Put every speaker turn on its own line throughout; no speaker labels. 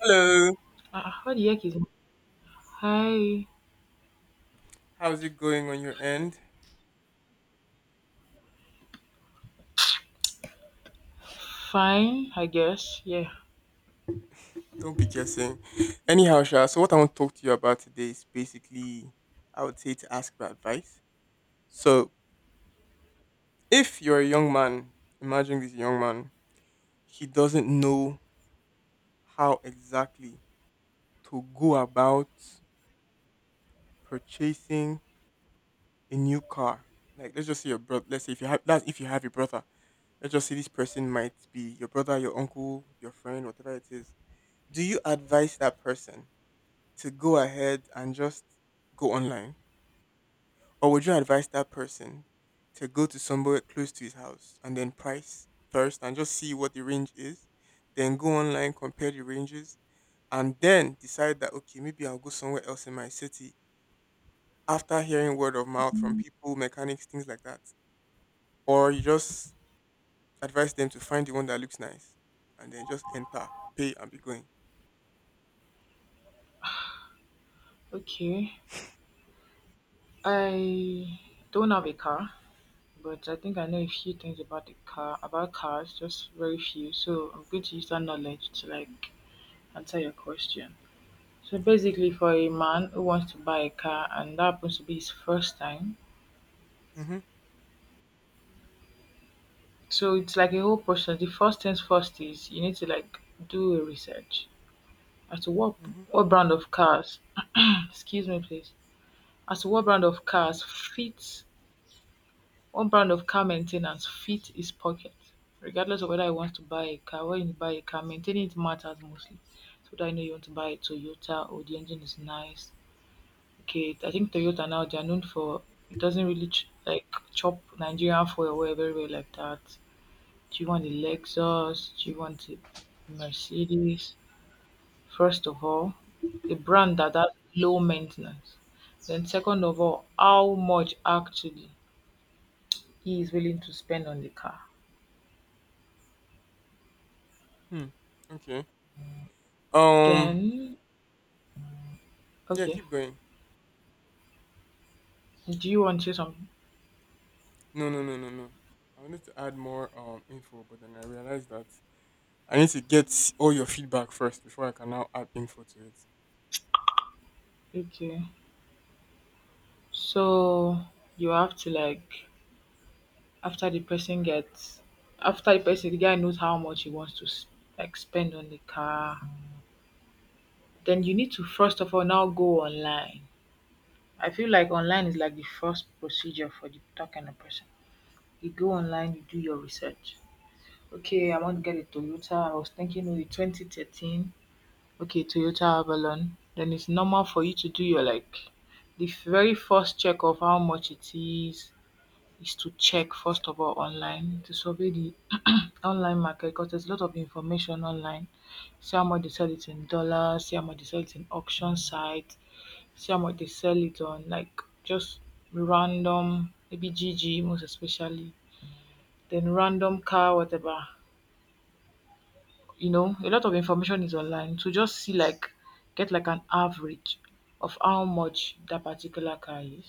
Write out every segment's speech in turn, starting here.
Hello,
What the heck is hi?
how's it going on your end?
Fine, I guess. Yeah.
Don't be guessing. Anyhow, Sha, so what I want to talk to you about today is basically, I would say, to ask for advice. So, if you're a young man, imagine this young man, he doesn't know how exactly to go about purchasing a new car. Like, let's just say your brother, let's say if you have, that's if you have a brother, let's just say this person might be your brother, your uncle, your friend, whatever it is. Do you advise that person to go ahead and just go online? Or would you advise that person to go to somewhere close to his house and then price first and just see what the range is, then go online, compare the ranges, and then decide that, okay, maybe I'll go somewhere else in my city after hearing word of mouth from people, mechanics, things like that? Or you just advise them to find the one that looks nice and then just enter, pay, and be going.
Okay. I don't have a car, but I think I know a few things about cars, just very few. So I'm going to use that knowledge to like answer your question. So
Okay.
basically, for a man who wants to buy a car and that happens to be his first time,
Mm hmm.
so it's like a whole process. The first things first is you need to like do a research as to
Mm hmm.
what brand of cars. Excuse me, please. As to what
Sorry.
brand of cars fit, what brand of car maintenance fit his pocket, regardless of whether he wants to buy a car. When you buy a car, maintaining it matters mostly. So that, I know you want to buy a Toyota or the engine is nice. Okay, I think Toyota now they are known for, it doesn't really like chop Nigerian fuel away very well like that. Do you want a Lexus? Do you want a Mercedes? First of all, a brand that has low maintenance. Then second of all, how much actually he is willing to spend on the car?
Hmm. Okay. Um.
Then,
Yeah,
okay,
keep going.
do you want to some?
No, no, no, no, no, I wanted to add more info, but then I realized that I need to get all your feedback first before I can now add info to it.
Okay, so you have to like, after the person gets, after the person, the guy knows how much he wants to like spend on the car. Then you need to first of all now go online. I feel like online is like the first procedure for the that kind of person. You go online, you do your research. Okay, I want to get a Toyota. I was thinking, oh, 2013. Okay, Toyota Avalon, then it's normal for you to do your like, the very first check of how much it is to check first of all online to survey the online market, because there's a lot of information online. See how much they sell it in dollars, see how much they sell it in auction site, see how much they sell it on like just random, maybe GG most especially, then random car whatever. You know, a lot of information is online to just see like, get like an average of how much that particular car is.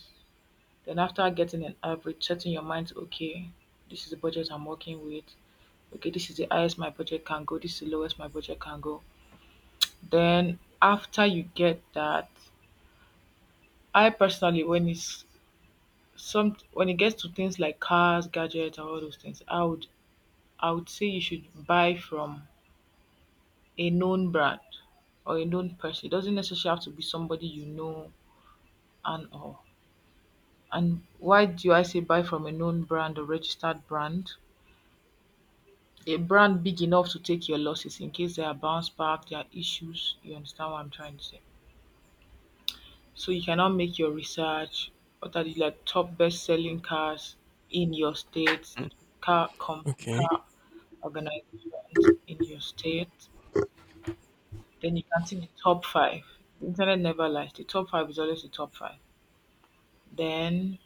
Then after getting an average, setting your mind to, okay, this is the budget I'm working with. Okay, this is the highest my budget can go, this is the lowest my budget can go. Then after you get that, I personally, when it's some, when it gets to things like cars, gadgets and all those things, I would say you should buy from a known brand or a known person. It doesn't necessarily have to be somebody you know and all. And why do I say buy from a known brand or registered brand? A brand big enough to take your losses in case there are bounce back, there are issues. You understand what I'm trying to say? So you cannot make your research. What are the like top best
Oh,
selling cars in your state?
mm,
Car com,
okay.
car organizations in your state. Then you can see the top five. The internet never lies. The top five is always the top five. Then,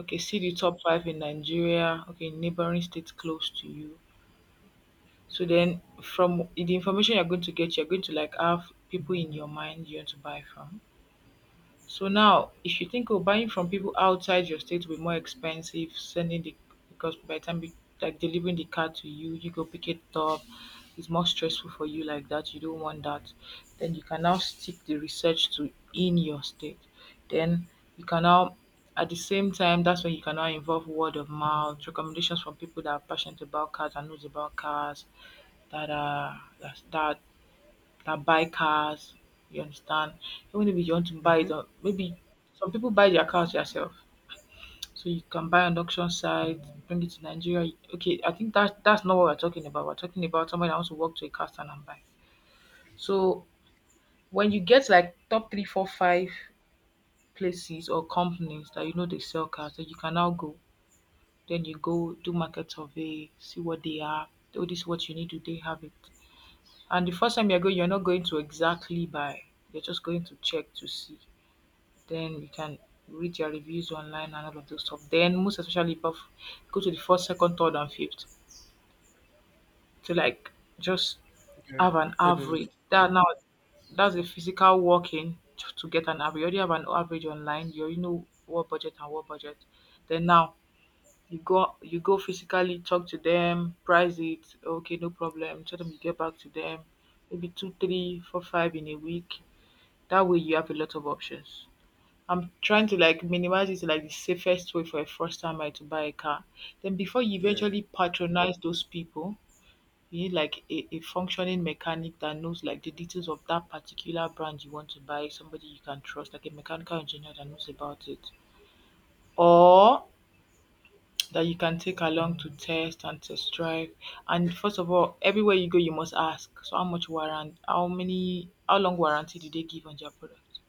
okay, see the top five in Nigeria, okay, neighboring states close to you. So then, from the information you're going to get, you're going to like have people in your mind you want to buy from. So now, if you think of buying from people outside your state will be more expensive, sending the, because by the time we, like delivering the car to you, you go pick it up. It's more stressful for you like that. You don't want that. Then you can now stick the research to in your state. Then you can now, at the same time, that's when you can now involve word of mouth, recommendations from people that are passionate about cars and knows about cars, that are, that, that buy cars, you understand? Even if you want to buy
Mm-hmm.
it, maybe some people buy their cars yourself. So you can buy on auction site, bring it to Nigeria. Okay, I think that that's not what we're talking about. We're talking about somebody that wants to walk to a car stand and buy. So when you get like top three, four, five places or companies that you know they sell cars, that you can now go. Then you go do market survey, see what they are. Oh, this is what you need. Do they have it? And the first time you're going, you're not going to exactly buy. You're just going to check to see. Then you can read your reviews online and all of those stuff. Then most especially above, go to the first, second, third and fifth to like just
Yeah,
have an
accordingly.
average. That now that's a physical working to get an average. You already have an average online, you already know what budget and what budget. Then now you go physically talk to them, price it, okay, no problem. Tell them you get back to them, maybe two, three, four, five in a week. That way you have a lot of options. I'm trying to like minimize it to like the safest way for a first timer to buy a car. Then before you
Yeah.
eventually patronize those people, you need like a functioning mechanic that knows like the details of that particular brand you want to buy, somebody you can trust, like a mechanical engineer that knows about it. Or that you can take along to test and test drive. And first of all, everywhere you go you must ask. So how much warrant, how many, how long warranty do they give on their product?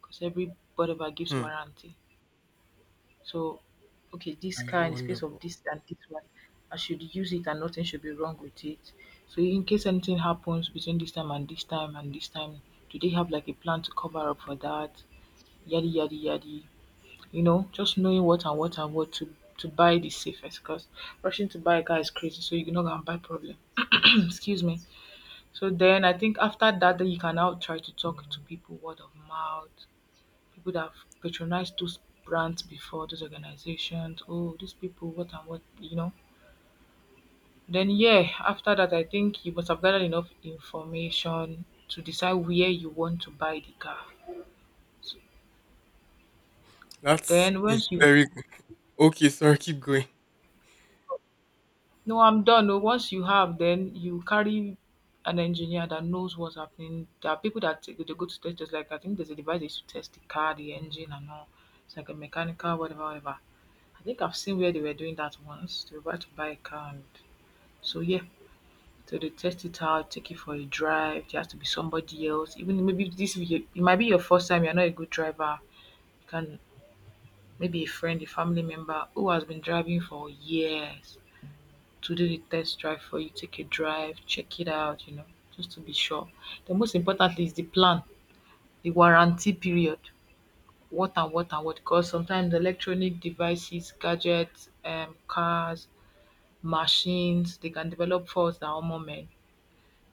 Because every whatever gives
Hmm.
warranty. So, okay, this
That's
car in the space of
wonderful.
this and this one, I should use it and nothing should be wrong with it. So, in case anything happens between this time and this time and this time, do they have like a plan to cover up for that? Yadi yadi yadi. You know, just knowing what and what and what to buy the safest, because rushing to buy a car is crazy, so you're not gonna buy problem. Excuse me. So then I think after that, then you can now try to talk to people, word of mouth, people that have patronized those brands before, those organizations. Oh, these people, what and what, you know. Then, yeah, after that, I think you must have gathered enough information to decide where you want to buy the car. So
That's
then,
is
once you,
very good. Okay, sorry, keep going.
no, I'm done. No, once you have, then you carry an engineer that knows what's happening. There are people that they go to test, just like, I think there's a device they used to test the car, the engine, and all. It's like a mechanical, whatever, whatever. I think I've seen where they were doing that once. They were about to buy a car, and so yeah. So they test it out, take it for a drive. There has to be somebody else. Even maybe this it might be your first time. You're not a good driver. You can, maybe a friend, a family member who has been driving for years, to do the test drive for you. Take a drive, check it out. You know, just to be sure. The most importantly is the plan, the warranty period. What and what and what? Because sometimes electronic devices, gadgets, cars, machines, they can develop faults that are moment.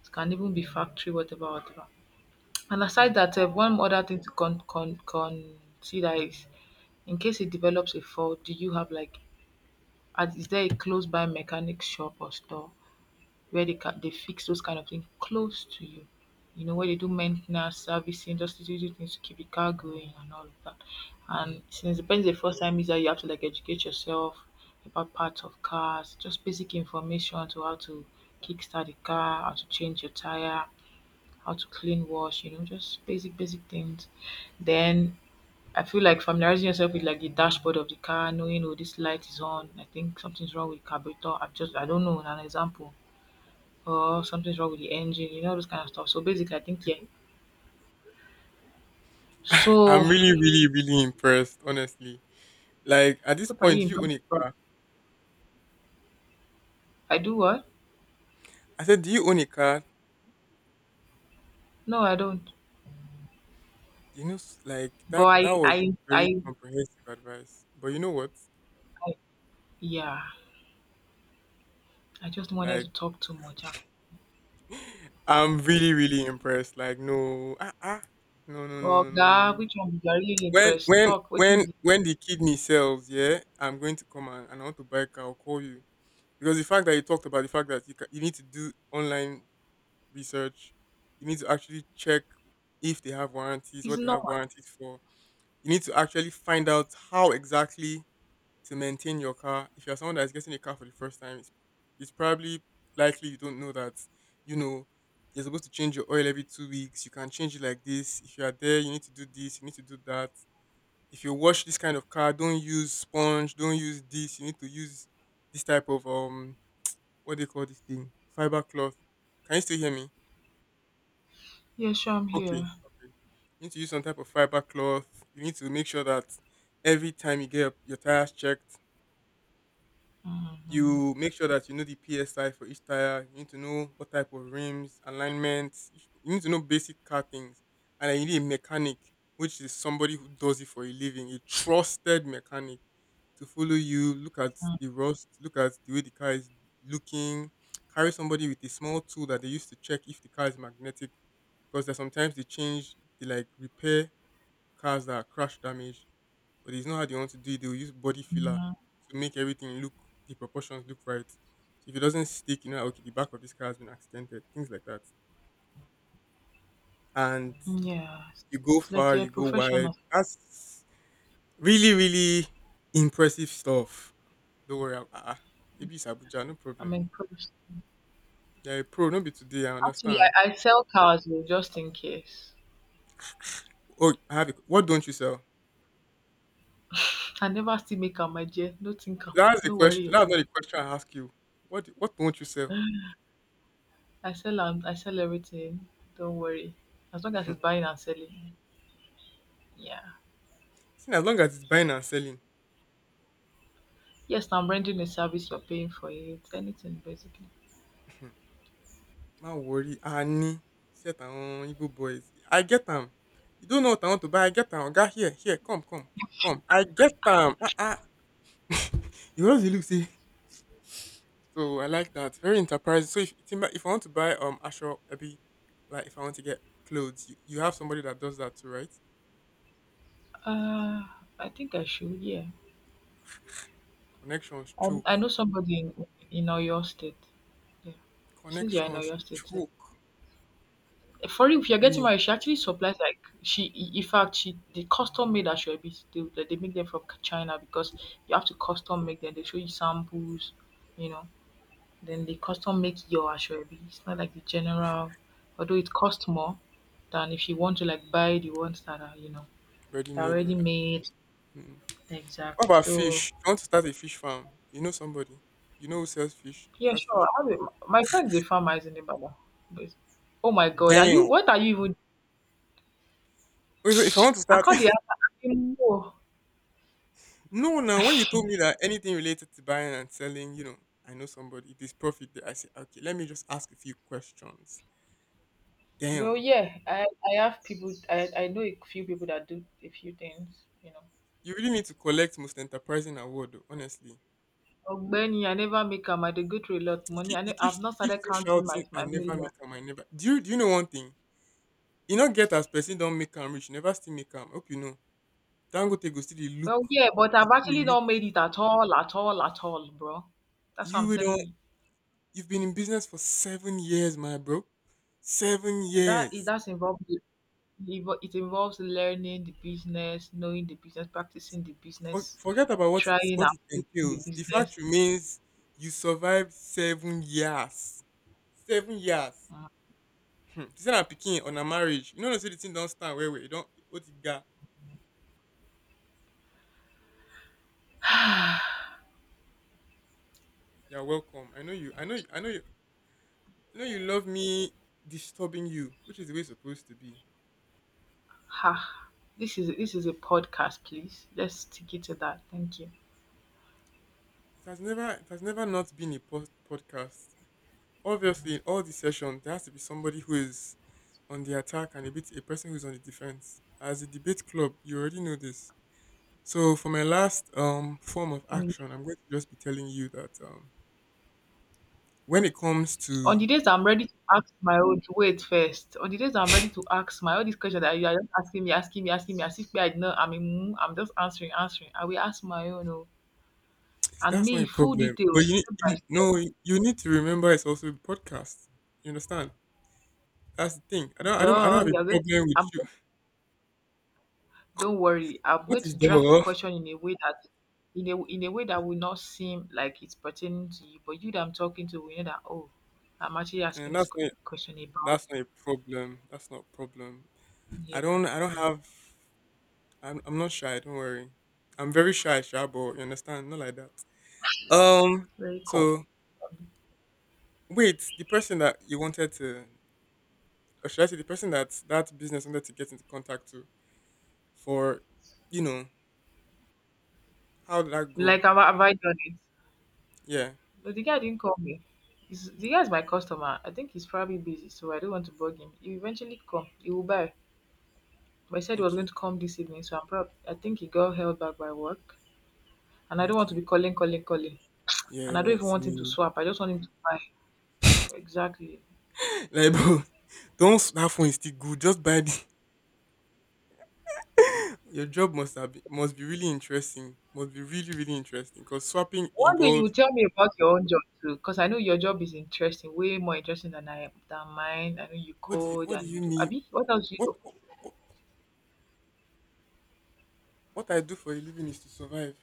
It can even be factory, whatever, whatever. And
Hmm,
aside that, one other thing to consider is, in case it develops a fault, do you have like, is there a close by mechanic shop or store where they fix those kind of things close to you? You know, where they do maintenance, servicing, just to do the things to keep the car going and all of that.
hmm.
And since the person is a first time user, you have to like educate yourself about parts of cars, just basic information to how to kickstart the car, how to change your tire, how to clean, wash, you know, just basic, basic things. Then I feel like familiarizing yourself with like the dashboard of the car, knowing, oh, this light is on, I think something's wrong with carburetor. I don't know, an example, or something's wrong with the engine, you know, this kind of stuff. So basically, I think, yeah. So
I'm really, really, really impressed, honestly. Like at this
what are you
point, do you own
impacted
a—
from? I do what?
I said, do you own a car?
No, I don't.
You know, like
But
that
I
that was
I
very
I
comprehensive advice. But you know what?
yeah. I just wanted
Like
to talk too much.
I'm really, really impressed. Like, no, ah, ah, no, no, no,
Oh
no, no, no,
God,
no.
which one you are really impressed? Talk. Waiting.
When the kidney sells, yeah, I'm going to come and I want to buy a car. I'll call you because the fact that you talked about the fact that you ca you need to do online research, you need to actually check if they have warranties,
It's
what they have
not.
warranties for. You need to actually find out how exactly to maintain your car. If you're someone that's getting a car for the first time, it's probably likely you don't know that, you know, you're supposed to change your oil every 2 weeks. You can change it like this. If you are there, you need to do this, you need to do that. If you wash this kind of car, don't use sponge, don't use this. You need to use this type of, what do you call this thing? Fiber cloth. Can you still hear me?
Yeah, sure, I'm
Okay,
here.
okay. You need to use some type of fiber cloth. You need to make sure that every time you get your tires checked,
Hmm.
you make sure that you know the PSI for each tire. You need to know what type of rims, alignments. You need to know basic car things. And then you need a mechanic, which is somebody who does it for a living, a trusted mechanic to follow you, look at the rust, look at the way the car is looking, carry somebody with a small tool that they use to check if the car is magnetic because there's sometimes they change they like repair cars that are crash damaged but it's not how they want to do it. They'll use body filler
Mhm.
to make everything look the proportions look right. So if it doesn't stick, you know, like, okay, the back of this car has been accidented, things like that. And
Yeah,
you go
it's like
far,
you're a
you go wide.
professional.
That's really, really impressive stuff. Don't worry, ah, ah, maybe it's Abuja, no
I'm
problem.
impressed.
They're a pro, no be today. I
Actually,
understand.
I sell cars oh, just in case.
Oh, I have. A, what don't you sell?
I never still make am, my dear. No think am.
That's the
No worry
question. That's not
yourself.
the question I ask you. What don't you sell?
I sell am. I sell everything. Don't worry. As long as it's buying and selling. Yeah.
See, as long as it's buying and selling.
Yes, I'm renting a service. You're paying for it. Anything basically.
Ma worry, Ani, set on Igbo boys. I get them. You don't know what I want to buy. I get them. Oga, here, here, come, come, come. I get them. Ah, ah. You always look see. So I like that. Very enterprising. So if I want to buy Asho Abi, like if I want to get clothes, you have somebody that does that too, right?
Uh, I think I should. Yeah.
Connections
I
choke.
know somebody in your state. Yeah. Since you're in
Connections
your state, eh?
choke.
For real, if you're
Let
getting
me—
married, she actually supplies, like, in fact, she they custom made ashobis. They, like, they make them from China because you have to custom make them. They show you samples, you know. Then they custom make your ashobi. It's not like the general, although it costs more than if you want to, like, buy the ones that are, you know,
ready
that are
made.
already
Alright.
made.
Hmm. What
Exact.
about
So
fish? If you want to start a fish farm, you know somebody. You know who sells fish,
yeah, sure.
catfish.
I have a, my friend is a farmer, isn't he, Baba? But- Oh my God, are you?
Damn.
What are you even?
Okay, so if I want to
I
start—
can't.
no, now when you told me that anything related to buying and selling, you know, I know somebody, there's profit there. I say, okay, let me just ask a few questions.
Well,
Damn,
yeah, I have people, I know a few people that do a few things, you know.
you really need to collect most enterprising award, though, honestly.
Ogbeni, I never make am. I dey go through a lot of money. I've not
You keep
started
still
counting my
shouting, I
my
never
million.
make am, I never. Do you know one thing? You not get as person don't make am rich, you never still make am. Hope you know. Dangote go still dey look,
Well, yeah, but
go
I've
still dey
actually
look.
not made it at all, at all, at all, bro. That's what
You
I'm
will
telling
don't.
you.
You've been in business for 7 years, my bro. Seven years.
That's involved. It involves learning the business, knowing the business, practicing the
For,
business,
forget about what it
trying and failing the
entails. The
business.
fact remains you survived 7 years. 7 years.
Mm.
Hmm. You said I'm picking on a marriage. You know, no, say the thing don't stand where we don't what it got. You're welcome. I know you. I know. You, I know you. I know you love me disturbing you, which is the way it's supposed to be.
Ha! This is a podcast, please. Let's stick it to that. Thank
It has never. It has never not been a podcast. Obviously, in all the sessions, there has to be somebody who is on the attack and a bit a person who is on the defense. As a debate club, you already know this. So for my last form of
you.
action, I'm going to just be telling you that when it comes to—
On the days I'm ready to ask my own, wait first. On the days I'm ready to ask my, all these questions that you are just asking me, asking me, asking me, as if me, I know I'm in mood, I'm just answering, answering. I will ask my own, oh, and
that's not
me
a
full
problem, but
details,
you, need
step
you
by step.
no you need to remember it's also a podcast. You understand? That's the thing. I don't
Duh,
have a
you're going to,
problem with
I'm
you.
going, don't worry. I'm
What
going
is
to draft the
the—
question in a way that, in a way that will not seem like it's pertaining to you, but you that I'm talking to will know that. Oh, I'm actually asking
and
this question about.
that's not a problem. That's not a problem.
You.
I
Yeah,
don't I don't have I'm not shy. Don't worry. I'm very shy, but you understand? Not like that. Um.
very cool.
So wait, the person that you wanted to or should I say the person that that business wanted to get into contact to for, you know, how did that go?
Like, have I done it?
Yeah.
But the guy didn't call me. The guy's my customer. I think he's probably busy, so I don't want to bug him. He eventually come. He will buy. But he said he was going
Okay.
to come this evening, so I think he got held back by work. And I don't want to
Okay.
be calling, calling, calling. And I don't even
Yes.
want him to
me.
swap. I just want him to buy. Exactly.
Like, bro, don't, that phone is still good. Just buy the— your job must must be really interesting. Must be really, really interesting because swapping
One day you will
involves—
tell me about your own job too, because I know your job is interesting, way more interesting than I than mine. I know you code
what do
and you
you
do.
mean?
Abi, what else you do?
What, I do for a living is to survive.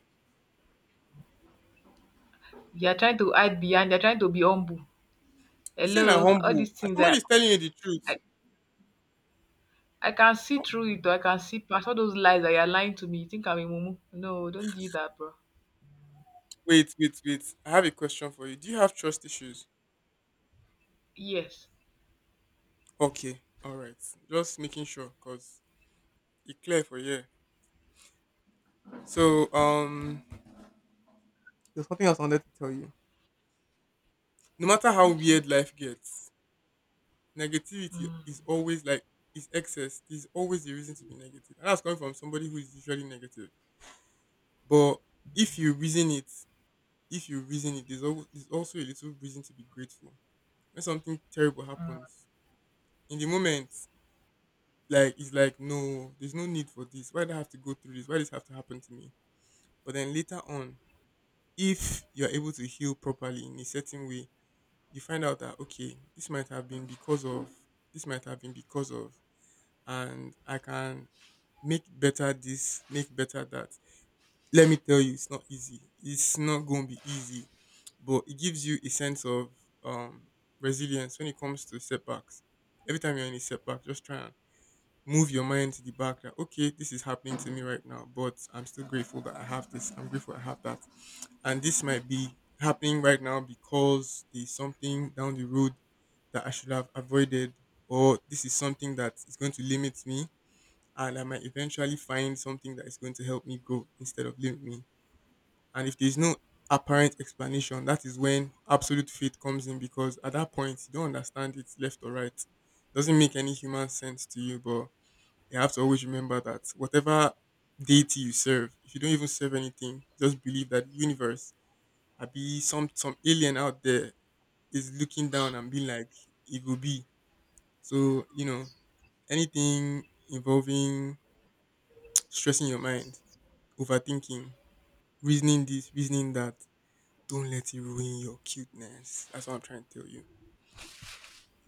You are trying to hide behind. You're trying to be humble.
You say na
Hello, all
humble.
these things.
Somebody is telling you the truth.
I I can see through it though. I can see past all those lies that you're lying to me. You think I'm a mumu? No, don't do that, bro.
Wait, wait, wait. I have a question for you. Do you have trust issues?
Yes.
Okay, all right. Just making sure because it's clear for you. So there's nothing else I wanted to tell you. No matter how
Okay.
weird life gets, negativity
Mm.
is always like is excess. There's always a reason to be negative, and that's coming from somebody who is usually negative. But if you reason it, there's always there's also a little reason to be grateful. When something terrible happens, in the moment, like it's like no, there's no need for this. Why do I have to go through this? Why does this have to happen to me? But then later on, if you're able to heal properly in a certain way, you find out that okay, this might have been because of— this might have been because of and I can make better this, make better that. Let me tell you, it's not easy. It's not gonna be easy. But it gives you a sense of um resilience when it comes to setbacks. Every time you're in a setback, just try and move your mind to the back that okay, this is happening to me right now, but I'm still grateful that I have this. I'm grateful I have that, and this might be happening right now because there's something down the road that I should have avoided, or this is something that is going to limit me, and I might eventually find something that is going to help me grow instead of limit me. And if there's no apparent explanation, that is when absolute faith comes in because at that point you don't understand it's left or right. Doesn't make any human sense to you, but you have to always remember that whatever deity you serve, if you don't even serve anything, just believe that universe, I be some alien out there is looking down and being like, it will be. So, you know, Anything involving stressing your mind, overthinking, reasoning this, reasoning that, don't let it ruin your cuteness. That's what I'm trying to tell you.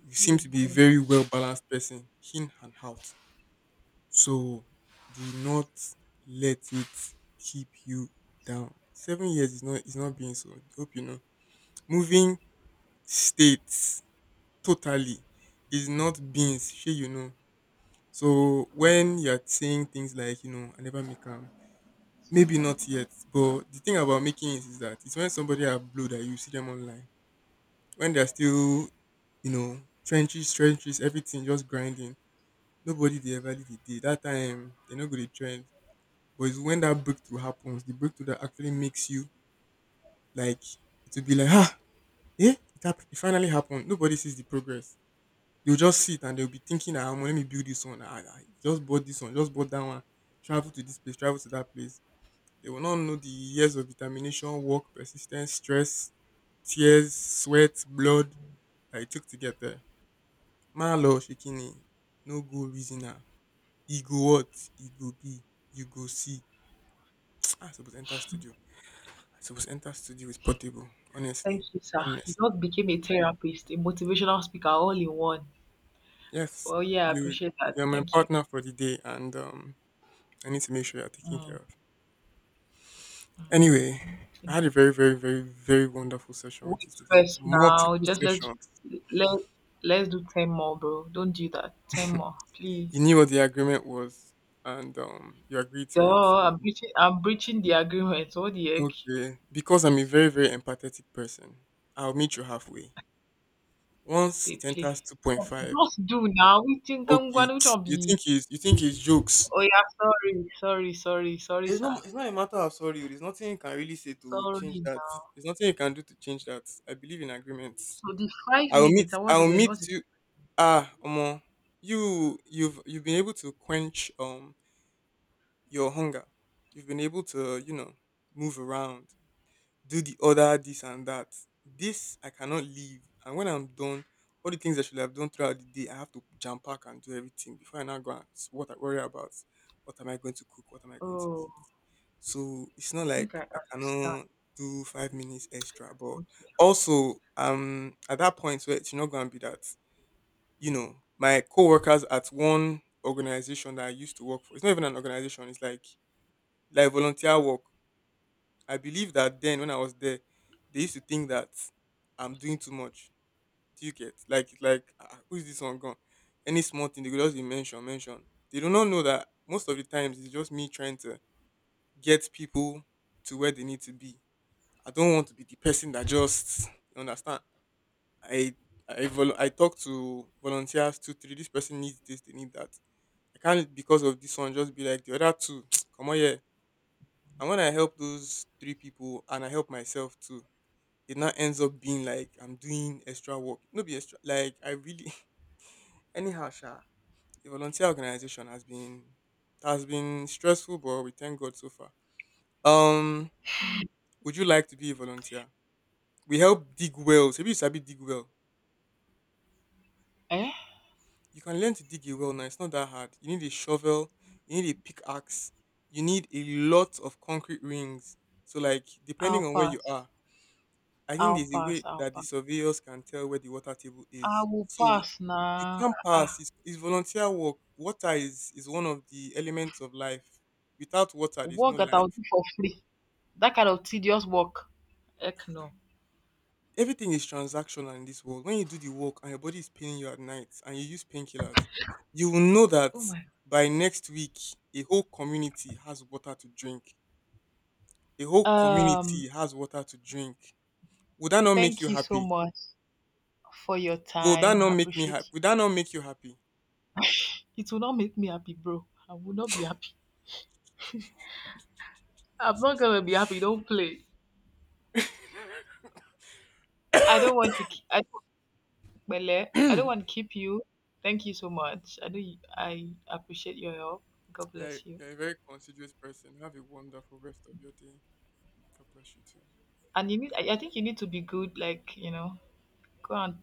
You seem
Yes,
to be a
bro.
very well balanced person, in and out. So do not let it keep you down. 7 years is not being so. Hope you know. Moving states totally is not beans. Sure you know. So when you're saying things like, I never make them, maybe not yet. But the thing about making it is that it's when somebody are blue that you see them online. When they're still, you know, trenches, trenches, everything just grinding. Nobody they ever did it. That time they're not gonna trend. But it's when that breakthrough happens, the breakthrough that actually makes you like to be like, ah, yeah, it, it finally happened. Nobody sees the progress. They'll just see it and they'll be thinking, ah, let me build this one. Ah, I just bought this one, just bought that one. Travel to this place, travel to that place. They will not know the years of determination, work, persistence, stress, tears, sweat, blood that it took to get there. Malo Shikini, no go reasoner. Ego what? Ego B. You go see. I suppose enter studio. I suppose Enter Studio is portable. Honestly,
Thank you, sir. You
honest.
just became a therapist, a motivational speaker, all in one.
Yes,
Well, yeah, I
you
appreciate that.
you're my
Thank you.
partner for the day, and I need to make sure you're taken care
Mm,
of. Anyway,
mm. Thank
I
you.
had a very, very, very, very wonderful session with
Wait
you today.
first now.
Multiple
Just
sessions.
let let's do 10 more, bro. Don't do that. 10 more, please.
You knew what the agreement was, and you agreed
Duh,
to it.
I'm breaching. I'm breaching the agreement. What the heck?
Okay, because I'm a very, very empathetic person, I'll meet you halfway. Once it enters
Deeply.
2.5,
Just do now. We think I'm
okay,
going to be.
you think it's jokes.
Oh yeah, sorry, sorry, sorry, sorry,
It's
sir.
not it's not a matter of sorry. Oh, there's nothing you can really say to change
Sorry
that.
now.
There's nothing you can do to change that. I believe in agreements.
So the five minutes. How
I
was it
will
going?
meet
Was it?
you, ah, Omo. You've been able to quench your hunger. You've been able to, move around, do the other this and that. This I cannot leave. And when I'm done, all the things I should have done throughout the day, I have to jam pack and do everything before I now go and what I worry about. What am I going to cook? What am I going to eat?
Oh,
So it's
I
not
think
like
I
I
understand.
cannot do 5 minutes extra. But
Okay.
also, at that point where it's not going to be that, you know, my co-workers at one organization that I used to work for, it's not even an organization, it's like volunteer work. I believe that then when I was there, they used to think that I'm doing too much. Do you get like, ah, who is this one gone? Any small thing they could just be mention. They do not know that most of the times it's just me trying to get people to where they need to be. I don't want to be the person that just, you understand. I I talk to volunteers two three. This person needs this, they need that. I can't because of this one just be like the other two. Come on, yeah. And when I help those three people and I help myself too, it now ends up being like I'm doing extra work. No be extra like I really anyhow sha. The volunteer organization has been stressful but we thank God so far. Um would you like to be a volunteer? We help dig wells. Maybe you sabi dig well.
Eh?
You can learn to dig a well now. It's not that hard. You need a shovel, you need a pickaxe, you need a lot of concrete rings. So like
I'll
depending on where you
pass.
are, I think
I'll
there's a way
pass. I'll
that the
pass.
surveyors can tell where the water table
I
is.
will
So
pass
you
now.
can't pass. It's volunteer work. Is one of the elements of life. Without water, there's no
Work that I'll
life.
do for free. That kind of tedious work. Heck no.
Everything is transactional in this world. When you do the work and your body is paining you at night and you use painkillers, you will know that
Oh my.
by next week, a whole community has water to drink. A whole community
Um.
has water to drink. Would that not make you
Thank you so
happy?
much for your
Would that
time.
not
I
make me happy?
appreciate you.
Would that not make you happy?
It will not make me happy, bro. I will not be happy. I'm not gonna be happy. Don't play. I don't want to keep, I don't, Pele, I don't want to keep you. Thank you so much. I know you, I appreciate your help. God bless you.
You're a very considerate person. Have a wonderful rest of your day. God bless you too.
And you need. I think you need to be good. Like, you know, go on.